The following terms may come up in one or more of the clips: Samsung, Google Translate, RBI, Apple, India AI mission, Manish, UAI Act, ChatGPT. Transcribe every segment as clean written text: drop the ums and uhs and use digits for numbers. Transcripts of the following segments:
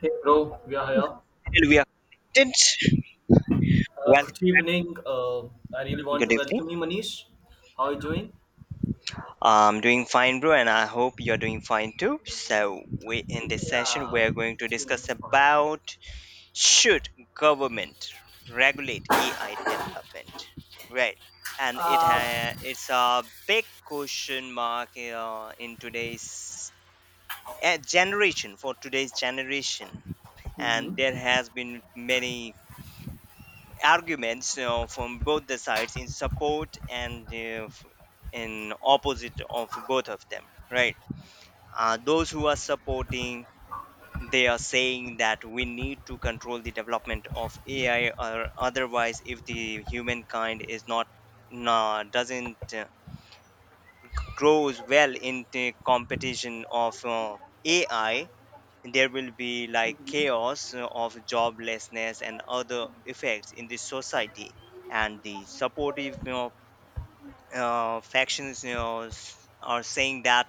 Hey bro, we are here. Till we are connected. Welcome, Good evening. I really want to good evening. welcome you, Manish. How are you doing? I'm doing fine, bro, and I hope you're doing fine too. So, we in this session Yeah, we are going to doing discuss fine. about should government regulate AI development, right? And Uh, it's a big question mark in today's generation for today's generation, and mm-hmm, there has been many arguments you know, from both the sides in support and in opposite of both of them, right. Those who are supporting, they are saying that we need to control the development of ai, or otherwise if the humankind is not, nah, doesn't grows well in the competition of ai, there will be like mm-hmm. chaos of joblessness and other effects in the society. And the supportive you know factions you know are saying that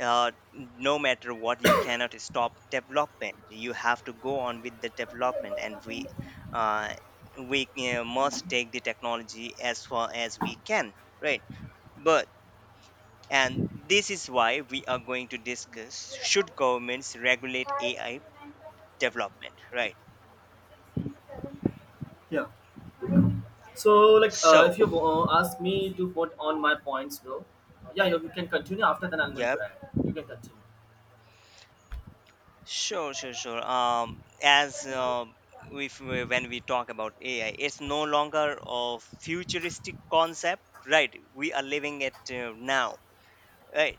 no matter what, you cannot stop development, you have to go on with the development, and uh, we must take the technology as far as we can, right. But and this is why we are going to discuss should governments regulate ai development, right? Yeah. So, if so you ask me to put on my points, bro, yeah, you can continue. After that, I'm going to yep. add. You can continue. Sure, sure, sure. As If we, when we talk about ai, it's no longer a futuristic concept, right? We are living it now, right.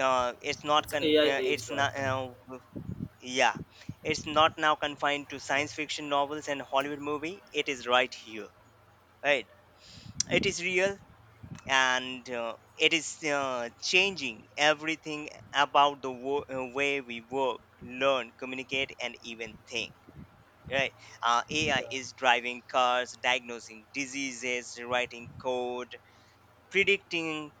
it's not It's con- AI age it's right not now. Yeah It's not now confined to Yeah. science fiction novels and hollywood movie, it is right here, right. It is real, and it is changing everything about the way we work, learn, communicate, and even think, right. Ai Yeah. is driving cars, diagnosing diseases, writing code, predicting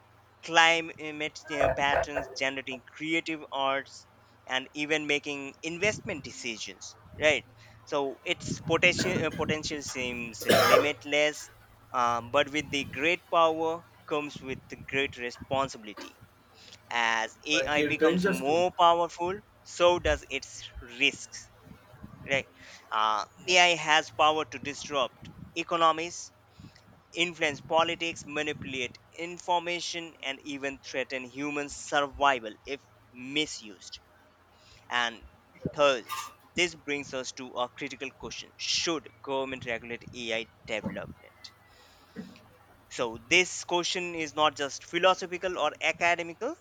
climate patterns, generating creative arts, and even making investment decisions. Right. So its potential seems limitless. But with the great power comes with the great responsibility. As Right, AI it becomes ranges too. more powerful, so does its risks. Right. AI has power to disrupt economies, influence politics, manipulate information, and even threaten human survival if misused. And thus, this brings us to a critical question: should government regulate AI development? So this question is not just philosophical or academical;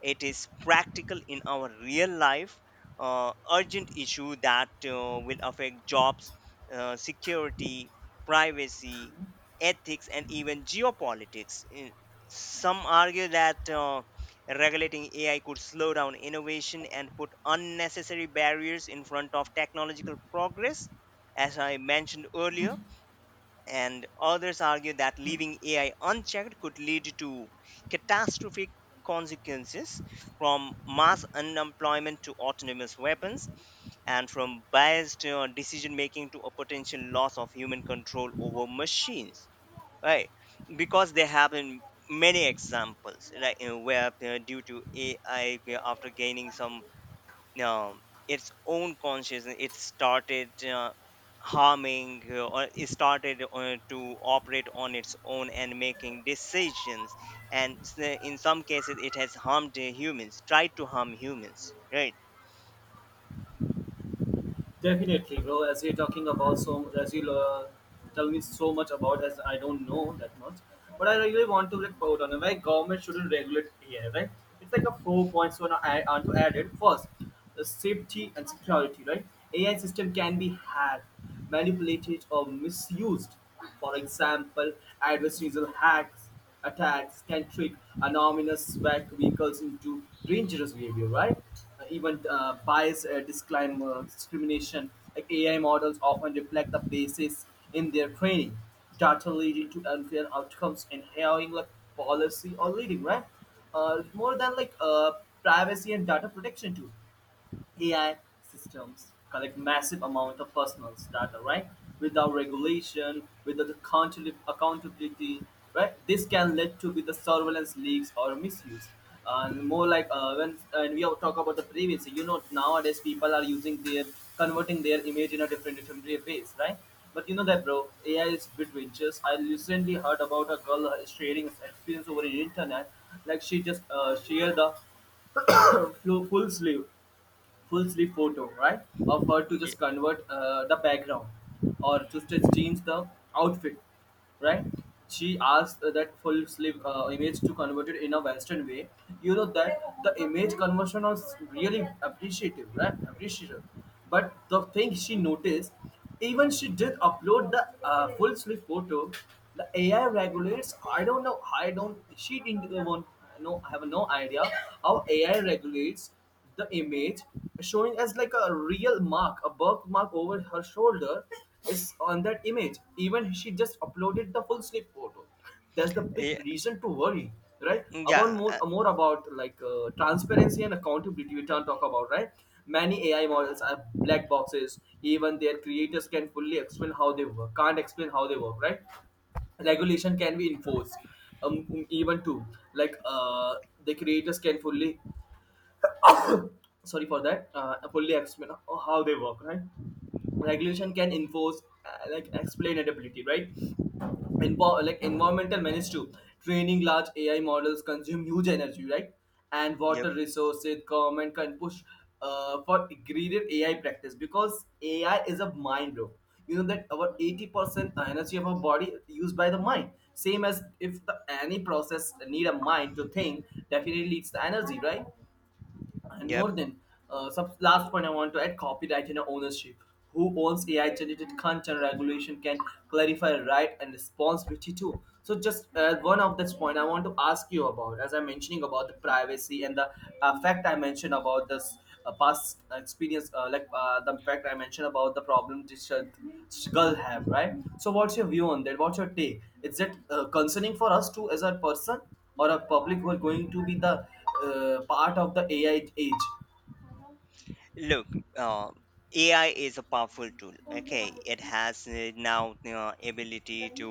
it is practical in our real life, urgent issue that will affect jobs, security, privacy, ethics, and even geopolitics. Some argue that regulating AI could slow down innovation and put unnecessary barriers in front of technological progress, as I mentioned earlier. And others argue that leaving AI unchecked could lead to catastrophic consequences, from mass unemployment to autonomous weapons, and from biased decision making to a potential loss of human control over machines, right. Because there have been many examples like you know, where due to ai, after gaining some um, its own consciousness, it started harming or it started to operate on its own and making decisions, and in some cases it has harmed humans, tried to harm humans, right. Definitely, bro. As you're talking about so, as you tell me so much about, as I don't know that much, but I really want to like put on why government shouldn't regulate AI, right? It's like a 4 points so I want to add it first, the safety and security, right? AI system can be hacked, manipulated or misused. For example, adversarial hacks attacks can trick anonymous vehicles into dangerous behavior, right? Even bias disclaimer, discrimination, like AI models often reflect the basis in their training, data leading to unfair outcomes and hiring like policy or leading, right? More than privacy and data protection too. AI systems collect massive amount of personal data, right? Without regulation, without accountability, right? This can lead to with the surveillance leaks or misuse. And more when and we all talk about the privacy, you know, nowadays people are using their converting their image in a different ways, right? But you know that, bro, AI is between just. I recently heard about a girl sharing experience over the internet, like she just shared the full sleeve full sleeve photo, right? Of her to Yeah, just convert the background or to just change the outfit, right? She asked that full sleeve image to convert it in a Western way. You know that the image conversion was really appreciative, right? Appreciative. But the thing she noticed, even she did upload the full sleeve photo. The AI regulates. I don't know. I don't. She didn't even know. I have no idea how AI regulates the image, showing as like a real mark, a birthmark over her shoulder is on that image. Even she just uploaded the full sleeve photo, that's the big reason to worry, right? About yeah. more more about transparency and accountability we can't talk about, right? Many AI models are black boxes, even their creators can fully explain how they work, can't explain how they work, right? Regulation can be enforced even too, like the creators can fully, sorry for that, fully explain how they work, right? Regulation can enforce like explainability, right? In like environmental menace too, training large AI models consume huge energy, right? And Yep, water resources, government can push for graded AI practice, because AI is a mind, bro. You know that about 80% energy of our body used by the mind, same as if the, any process need a mind to think, definitely it's the energy, right? And yep. more than some last point I want to add, copyright and ownership. Who owns AI generated content? Regulation can clarify, right? And responsibility too. So just one of this point I want to ask you about, as I'm mentioning about the privacy and the fact I mentioned about this past experience, the fact I mentioned about the problem this this girl have, right? So what's your view on that? What's your take? Is it concerning for us too as a person or a public who are going to be the part of the AI age. Look, uh, ai is a powerful tool, okay? It has now ability to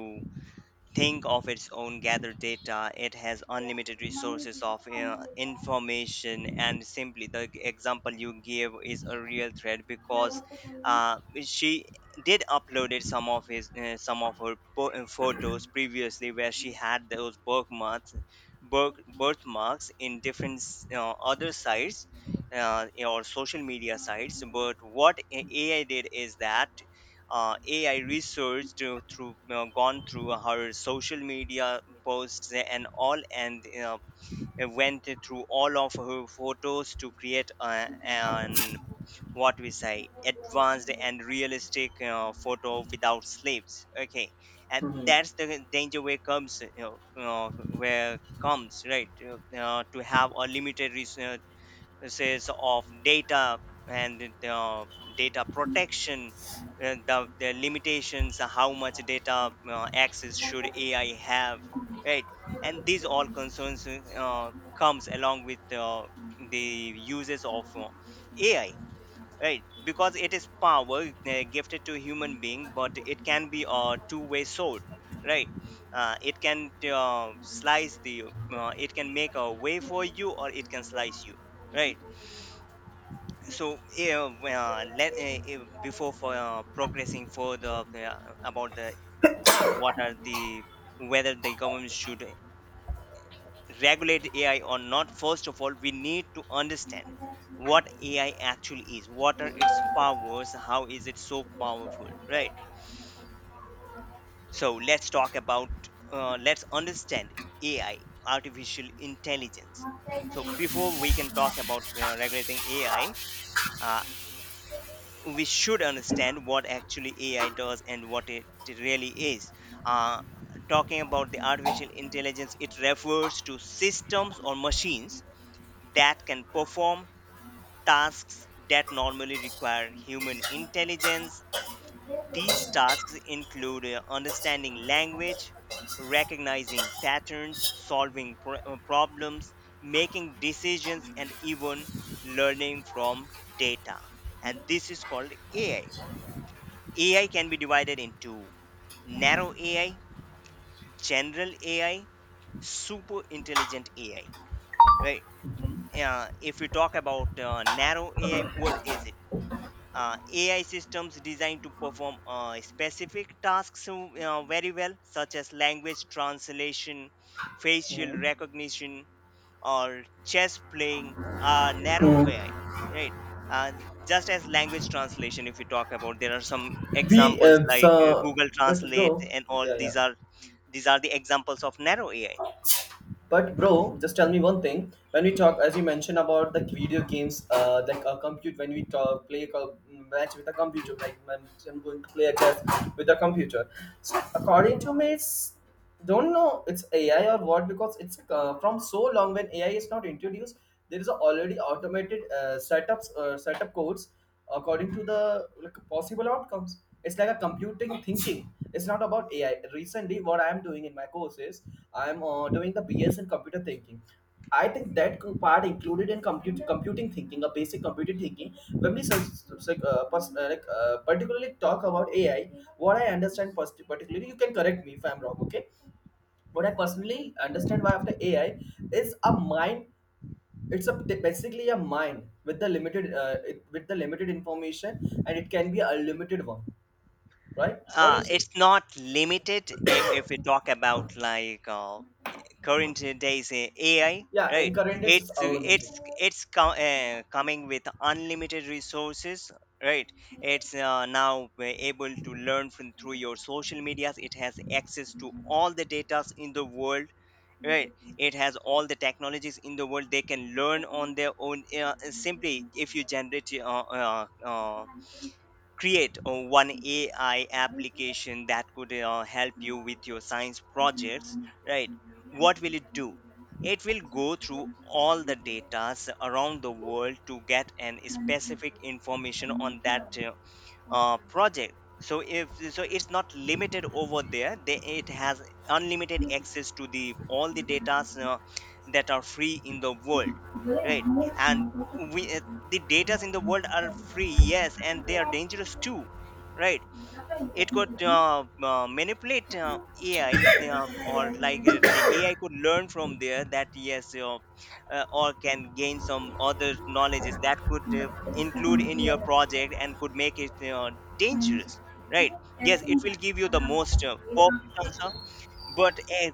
think of its own, gathered data, it has unlimited resources of information. And simply the example you gave is a real threat, because she did uploaded some of his some of her photos previously where she had those birthmarks, birthmarks in different other sites, or social media sites. But what ai did is that AI research to, through gone through her social media posts and all, and went through all of her photos to create an, what we say, advanced and realistic photo without sleeves. Okay, and Mhm. that's the danger where comes you know, where comes, right. To have a limited says of data, and data protection, and the limitations how much data access should ai have, right. And these all concerns comes along with the uses of ai, right. Because it is power gifted to human being, but it can be a two-way sword, right. uh, it can uh, slice the it can make a way for you, or it can slice you, right. So yeah, before for progressing further about the what are the whether the government should regulate AI or not. First of all, we need to understand what AI actually is. What are its powers? How is it so powerful? Right. So let's talk about. Let's understand AI, artificial intelligence. So before we can talk about regulating AI, we should understand what actually AI does and what it really is. Uh, Talking about the artificial intelligence, it refers to systems or machines that can perform tasks that normally require human intelligence. These tasks include understanding language, recognizing patterns, solving problems, making decisions, and even learning from data. And this is called AI. AI can be divided into narrow AI, general AI, super intelligent AI, right? If we talk about narrow AI, what is it? AI systems designed to perform specific tasks very well, such as language translation, facial Mhm. recognition, or chess playing are narrow Hmm. AI, right? Uh, just as language translation, if you talk about, there are some We examples um, like so, Google but Translate bro, and all. yeah, yeah. These are the examples of narrow AI. But bro, just tell me one thing. When we talk, as you mentioned about the video games, like a compute. When we talk, play a match with a computer, like when I'm going to play a chess with a computer. So according to me, it's don't know it's AI or what, because it's from so long when AI is not introduced, there is a already automated setups setup codes according to the like, possible outcomes. It's like a computing thinking. It's not about AI. Recently, what I am doing in my course is I'm doing the BS in computer thinking. I think that part included in compute, computing thinking, a basic computing thinking. When we particularly talk about AI, what I understand particularly, you can correct me if I'm wrong, okay? What I personally understand by after AI is a mind, it's a basically a mine with the limited with the limited information, and it can be a limited one, right? What do you say? It's not limited, if we talk about like current days AI, Yeah, in right? current it's It's unlimited. it's it's co- uh, coming with unlimited resources, right? It's now we able to learn from through your social medias. It has access to all the data in the world, right? It has all the technologies in the world. They can learn on their own. Simply, if you generate uh, uh, create one AI application that could help you with your science projects, right? What will it do? It will go through all the data around the world to get an specific information on that project. So, if so it's not limited over there, it has unlimited access to the all the data that are free in the world, right. And we the datas in the world are free, yes, and they are dangerous too, right. It could manipulate AI, or like the AI could learn from there that yes, or can gain some other knowledges that could include in your project and could make it dangerous, right. Yes, it will give you the most perfect answer, but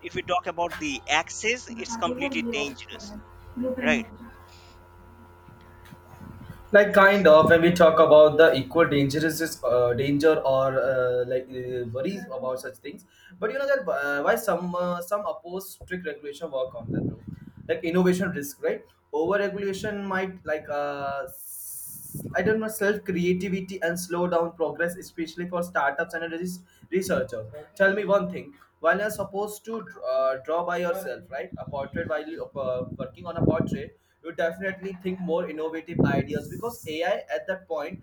if we talk about the access, it's completely dangerous, right. Like kind of when we talk about the equal dangerous is danger or worries about such things, but you know that why some oppose strict regulation, work on that bro, like innovation risk, right? Over regulation might I don't know self creativity and slow down progress, especially for startups and researchers. Tell me one thing: while you're supposed to draw by yourself, right, a portrait while you working on a portrait, you definitely think more innovative ideas because AI at that point.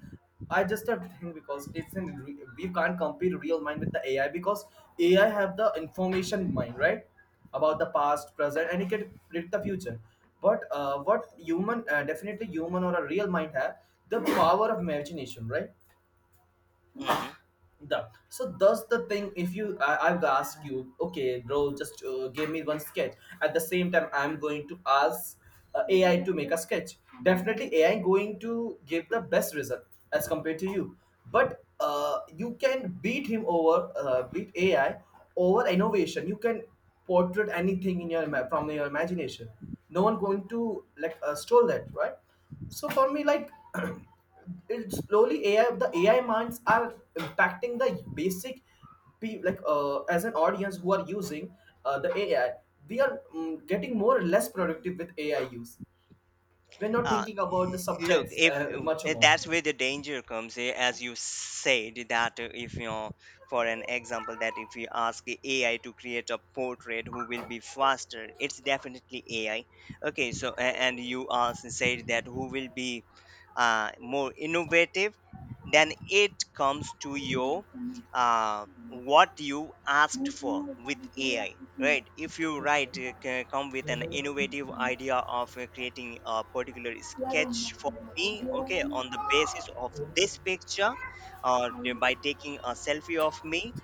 I just have to think because it's in we can't compare real mind with the AI because AI have the information mind, right? About the past, present, and he can predict the future. But what human, definitely human or a real mind have the power of imagination, right? Mm-hmm. The so does the thing if you I've asked you, okay bro, just give me one sketch, at the same time I'm going to ask AI to make a sketch, definitely AI going to give the best result as compared to you, but you can beat him over, beat AI over innovation. You can portrait anything in your from your imagination, no one going to like stole that, right? So for me like it slowly AI, the AI minds are impacting the basic as an audience who are using the AI, we are mm, getting more or less productive with AI use, we're not Uh, thinking about the Look, subjects if much more. that's where the danger comes, eh, as you said, that if you know, for an example, that if you ask the AI to create a portrait, who will be faster? It's definitely AI. Okay, so and you asked said that who will be more innovative? Then it comes to your uh, what you asked for with AI, right? If you write, come with an innovative idea of creating a particular sketch for me, okay, on the basis of this picture, by taking a selfie of me,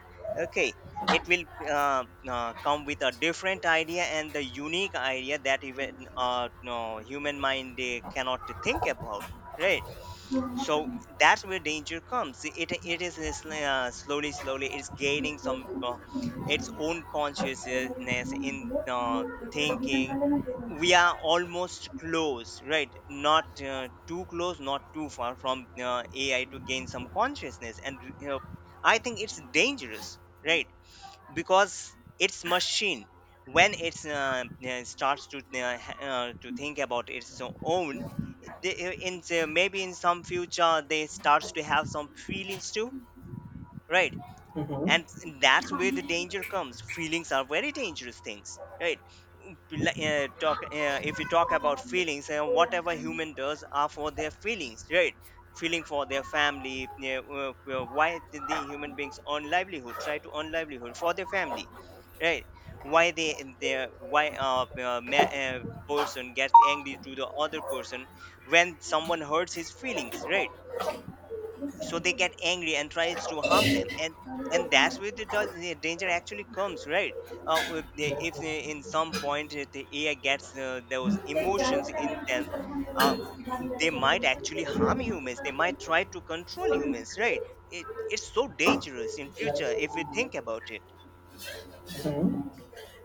okay, it will come with a different idea and the unique idea that even no human mind cannot think about, right? So that's where danger comes. It is this, slowly slowly it's gaining some its own consciousness in thinking. We are almost close, right? Not too close, not too far from ai to gain some consciousness. And you know, I think it's dangerous, right? Because it's machine. When it's starts to to think about its own, in the, maybe in some future they starts to have some feelings too, right. Mhm. And that's where the, danger comes. Feelings are very dangerous things, right? like, talk If you talk about feelings, and whatever human does are for their feelings, right? Feeling for their family, yeah. Why did the human beings earn livelihood, try to earn livelihood for their family, right? Why they they why a person gets angry to the other person when someone hurts his feelings, right? So they get angry and tries to harm them. And that's where the danger actually comes, right? With the, if they, in some point if the ai gets those emotions in them, uh, they might actually harm humans, they might try to control humans, right. It's so dangerous in future if we think about it. Mhm.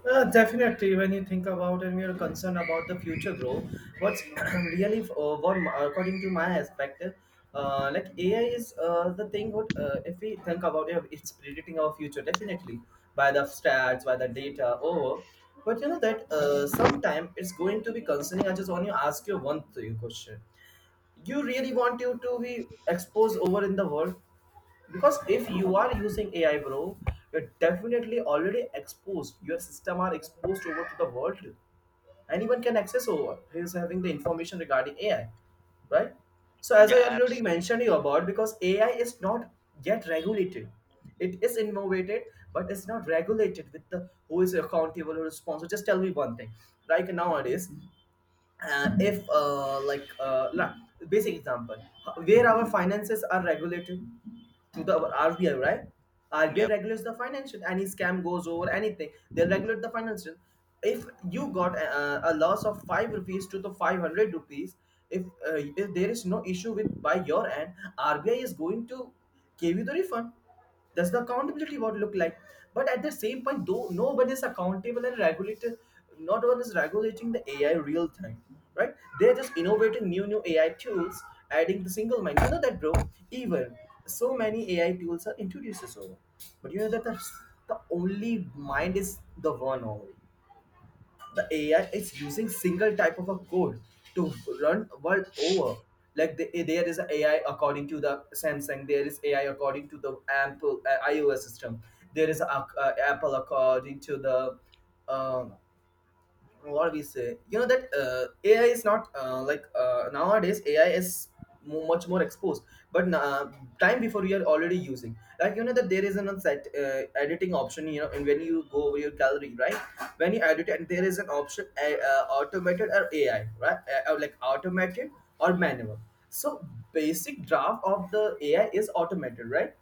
Definitely, when you think about and we are concerned about the future growth, what's really according to my perspective, like AI is the thing. What if we think about it, it's predicting our future definitely by the stats, by the data. Over, but you know that sometime it's going to be concerning. I just want to ask you one thing, question. You really want you to be exposed over in the world? Because if you are using AI bro, you're definitely already exposed, your system are exposed over to the world, anyone can access over who's having the information regarding AI, right? So as Yeah, I already absolutely. mentioned you about, because AI is not yet regulated, it is innovated, but it's not regulated with the who is accountable or responsible. Just tell me one thing, like nowadays, if like la- basic example, where our finances are regulated to the RBI, right? RBI Yep. regulates the financial, any scam goes over anything they regulate the financial. If you got a loss of 5 rupees to the 500 rupees, if there is no issue with by your end, RBI is going to give you the refund. That's the accountability what look like. But at the same point, though no one is accountable and regulated, not one is regulating the AI real time, right? They're just innovating new AI tools, adding the single mind. You know that, bro. Even so many AI tools are introduced over, but you know that the only mind is the one only, the AI is using single type of a code to run world over. Like the, eh, there is a AI according to the Samsung, there is AI according to the Apple iOS system, there is a, Apple according to the um what we say you know that AI is not nowadays AI is much more exposed, but time before we are already using, like you know that there is an set editing option, you know, and when you go over your gallery, right, when you edit and there is an option automated or AI, right, like automated or manual. So basic draft of the AI is automated, right?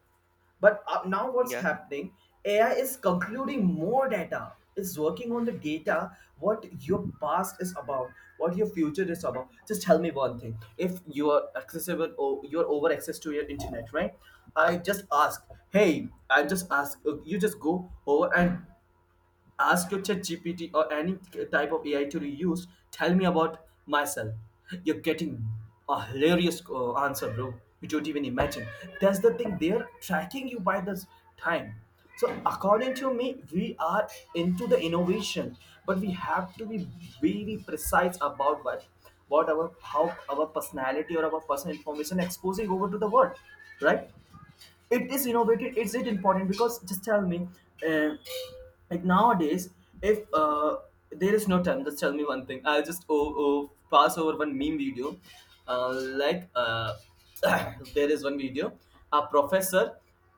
But up now, what's Yeah, happening? AI is concluding more data. It's working on the data, what your past is about, what your future is about. Just tell me one thing. If you are accessible or you're over access to your internet, right? I just ask, Hey, I just ask, you just go over and ask your chat gpt or any type of ai to use, tell me about myself. You're getting a hilarious answer, bro. You don't even imagine. That's the thing, they're tracking you by this time. So according to me, we are into the innovation, but we have to be very precise about what our, how our personality or our personal information exposing over to the world, right? It is innovative, is it important? Because just tell me, uh, like nowadays, if there is no time. Just tell me one thing, I'll just pass over one meme video. uh, like uh, there is one video, a professor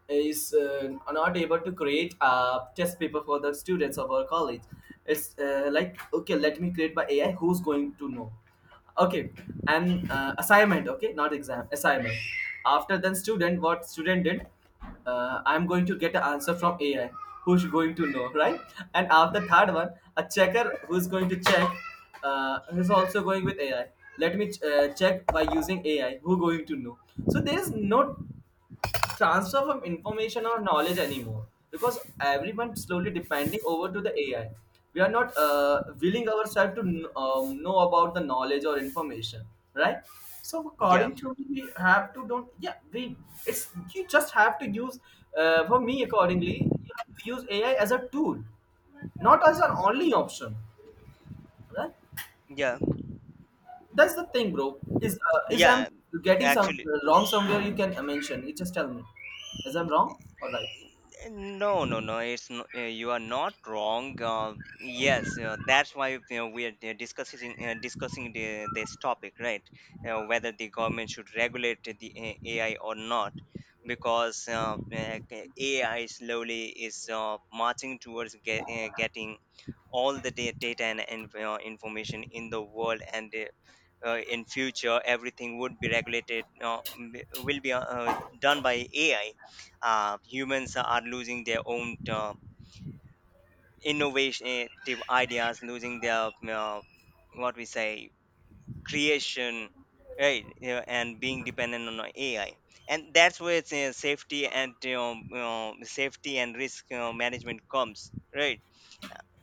is not able to create a test paper for the students of our college. It's like, okay, let me create by ai, who's going to know? Okay. And assignment, okay, not exam, assignment. After then student, what student did, I'm going to get an answer from ai, who's going to know, right? And after third one, a checker who's going to check, who's also going with ai. Let me check by using ai, who going to know. So there is no transfer from information or knowledge anymore, because everyone slowly depending over to the ai. We are not willing ourselves to know about the knowledge or information, right? So yeah, according to me, we have to don't yeah we it's, you just have to use, for me accordingly, you have to use ai as a tool, not as an only option, right? yeah, That's the thing, bro. Is I'm yeah. getting some Actually, wrong somewhere, you can mention, you just tell me, is I'm wrong or right. no, no, no. It's no, you are not wrong. Yes, that's why you know, we are discussing this topic, right? Whether the government should regulate the AI or not, because AI slowly is marching towards getting all the data and information in the world and in future everything would be regulated will be done by ai. Humans are losing their own, innovative ideas, losing their, uh, what we say creation right? And being dependent on ai, and that's where it's, safety and safety and risk management comes, right?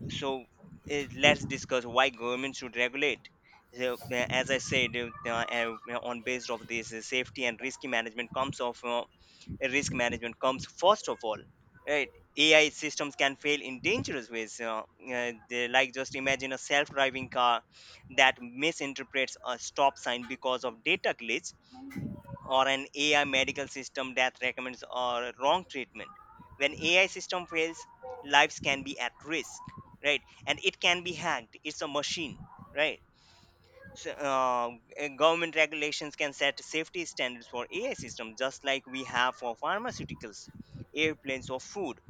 So let's discuss why government should regulate. So, as I said, on based of this, safety and risk management comes of risk management comes first of all, right? AI systems can fail in dangerous ways. Like just imagine a self-driving car that misinterprets a stop sign because of data glitch, or an AI medical system that recommends or wrong treatment. When AI system fails, lives can be at risk, right? And it can be hacked. It's a machine, right? So government regulations can set safety standards for AI systems, just like we have for pharmaceuticals, airplanes, or food.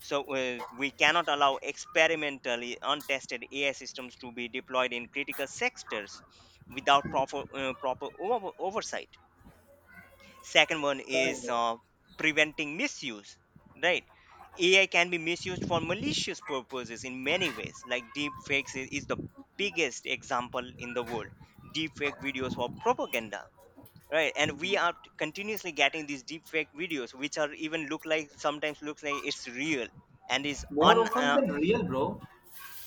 So we cannot allow experimentally untested AI systems to be deployed in critical sectors without proper oversight. Second one Kind is, of. Preventing misuse, right? AI can be misused for malicious purposes in many ways, like deep fakes is the biggest example in the world. Deep fake videos for propaganda, right? And we are continuously getting these deep fake videos, which are even look like, sometimes looks like it's real, and is More on often than real, bro.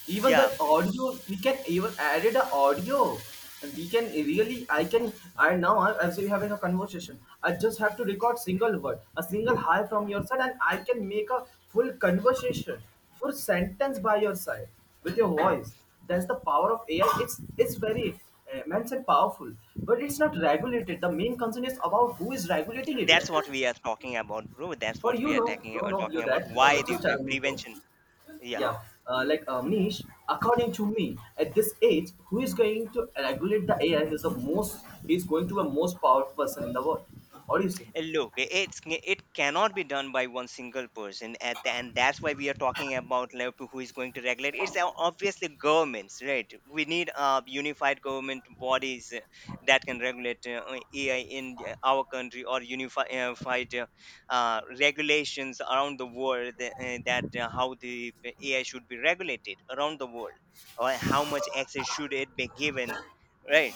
Even the yeah. audio, we can even added a audio. And we can really, I can, I now I- as we having a conversation, I just have to record single word, a single hi from your side, and I can make a full conversation, full sentence by your side with your voice. That's the power of AI. It's very immense and powerful, but it's not regulated. The main concern is about who is regulating it. That's what we are talking about, bro. That's For what you, we are no, no, no, you talking about, that why the just tell me, bro. prevention. Yeah. Yeah, Manish, according to me, at this age, who is going to regulate the AI is the most, he is going to be the most powerful person in the world. What do you say? Look, it's it cannot be done by one single person, and that's why we are talking about, like, who is going to regulate. It's obviously governments, right? We need unified government bodies that can regulate AI in our country, or unified uh, regulations around the world, that how the AI should be regulated around the world, or how much access should it be given, right?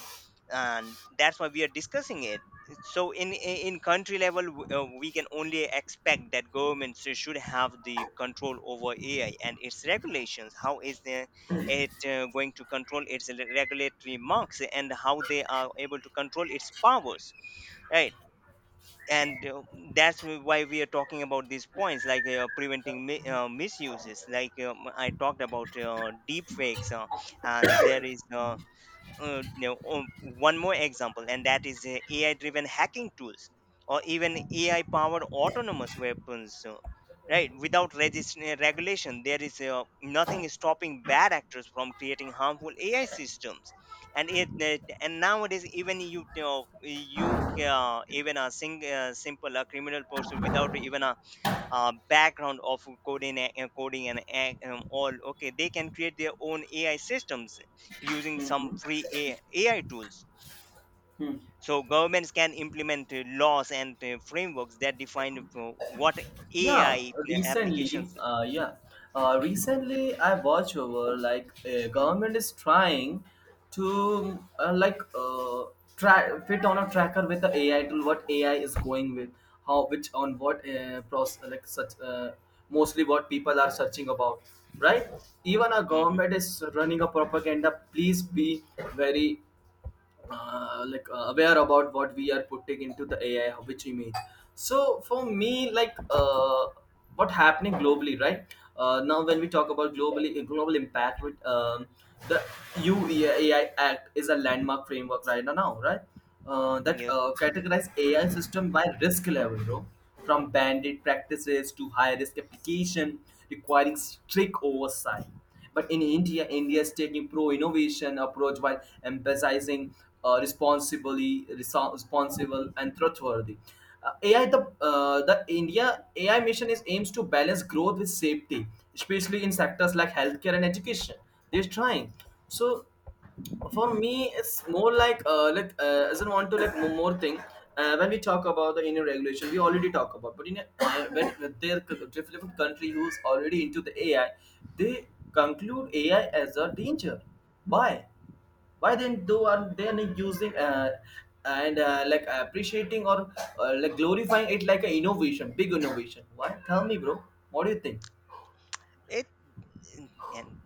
And that's why we are discussing it. So in country level, we can only expect that governments should have the control over ai and its regulations, how is it going to control its regulatory marks, and how they are able to control its powers, right? And that's why we are talking about these points, like preventing misuses, like I talked about deep fakes, and there is one more example, and that is AI-driven hacking tools or even AI-powered autonomous weapons. Right, without regulation, there is nothing is stopping bad actors from creating harmful AI systems. And it and nowadays, even you know you, even a simple criminal person, without even a background of coding, all okay, they can create their own ai systems using some free ai tools. So governments can implement laws and frameworks that define what Yeah, ai recently, applications. Recently I watch over, like government is trying to, try fit on a tracker with the AI tool, what AI is going with, how, which, on what process, like such mostly what people are searching about, right? Even a Mhm. government is running a propaganda. Please be very aware about what we are putting into the AI, which image. So for me, like what happening globally, right? Now when we talk about globally global impact, with the UAI Act is a landmark framework right now, right? That Yep. Categorize AI system by risk level, bro. From bandit practices to high risk application requiring strict oversight. But in India, India is taking pro-innovation approach while emphasizing responsibly, responsible and trustworthy. AI, the India AI mission is aims to balance growth with safety, especially in sectors like healthcare and education. They're trying. So for me, it's more like as I want to like more thing, when we talk about the Indian regulation, we already talk about, but in a, when there are different country who's already into the AI, they conclude AI as a danger. Why? Why then do are they not using, and like appreciating or like glorifying it like an innovation, big innovation? Why? Tell me, bro. What do you think? it and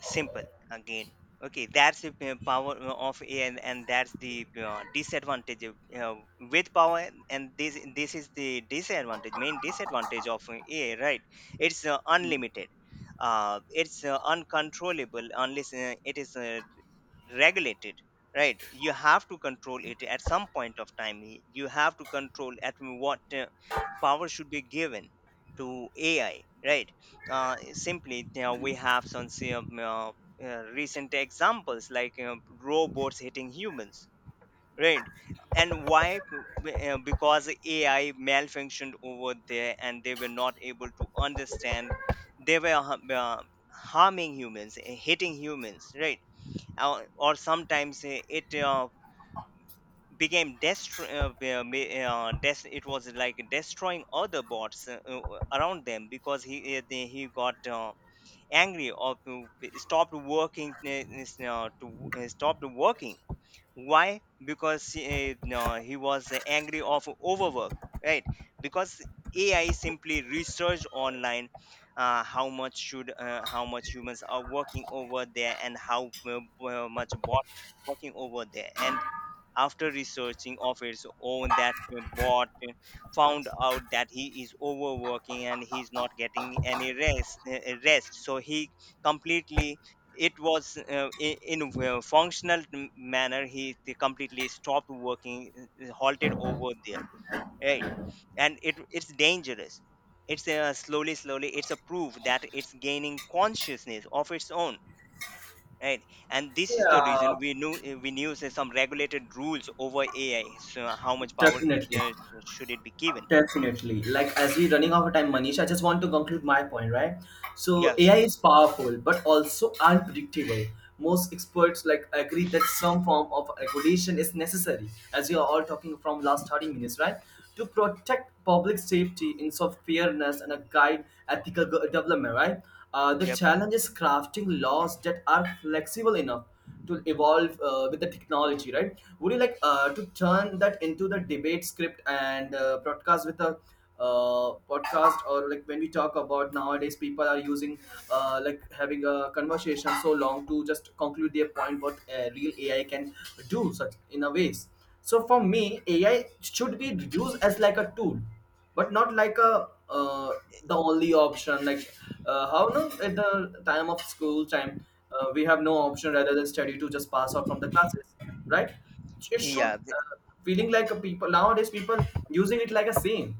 Simple. Again, okay, that's the power of ai, and that's the disadvantage with power, and this is the disadvantage, main disadvantage of ai, right? It's Mhm. unlimited, it's uncontrollable unless it is regulate it, right? You have to control it at some point of time. You have to control at what power should be given to ai, right? Simply we have some say, recent examples, like you know, robots hitting humans, right? And why? Because ai malfunctioned over there, and they were not able to understand. They were uh, harming humans, hitting humans, right? Or sometimes it became it was like destroying other bots around them, because he got angry, or stopped working, is, to stopped working. Why? Because no, he was angry of overwork, right? Because ai simply researched online how much humans are working over there, and how much bots are working over there. And after researching of its own, that bot found out that he is overworking and he's not getting any rest. So he completely, it was in a functional manner, he they completely stopped working, halted over there, right? And it it's dangerous. It's slowly slowly, it's a proof that it's gaining consciousness of its own, right? And this is the reason Yeah, we knew, we knew say, some regulated rules over ai, so how much power it definitely. Should it be given. Definitely. Like as we running out of time, Manish, I just want to conclude my point, right? So Yeah, AI sure. is powerful but also unpredictable. Most experts like agree that some form of regulation is necessary, as we are all talking from last 30 minutes, right? To protect public safety, ensure fairness, and a guide ethical development, right? The Yep. challenge is crafting laws that are flexible enough to evolve with the technology, right? Would you like to turn that into the debate script and broadcast with a podcast? Or like when we talk about nowadays, people are using like having a conversation so long to just conclude their point, what real ai can do such in a ways. So for me, ai should be used as like a tool, but not like a the only option. Like how, no, at the time of school time, we have no option rather than study to just pass out from the classes, right? It should Yeah. Feeling like a people, nowadays people using it like a same,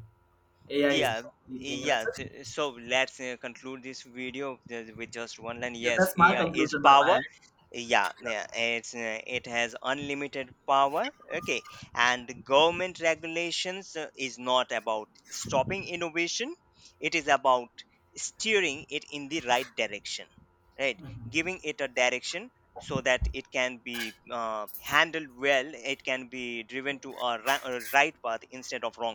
ai is Yeah, the only thing and it's yeah. such, So let's conclude this video with just one line. yeah, Yes, that's my AI is conclusion by my power. end. Yeah. It's it has unlimited power. Okay, and government regulations is not about stopping innovation. It is about steering it in the right direction. Right, giving it a direction so that it can be handled well. It can be driven to a a right path instead of wrong.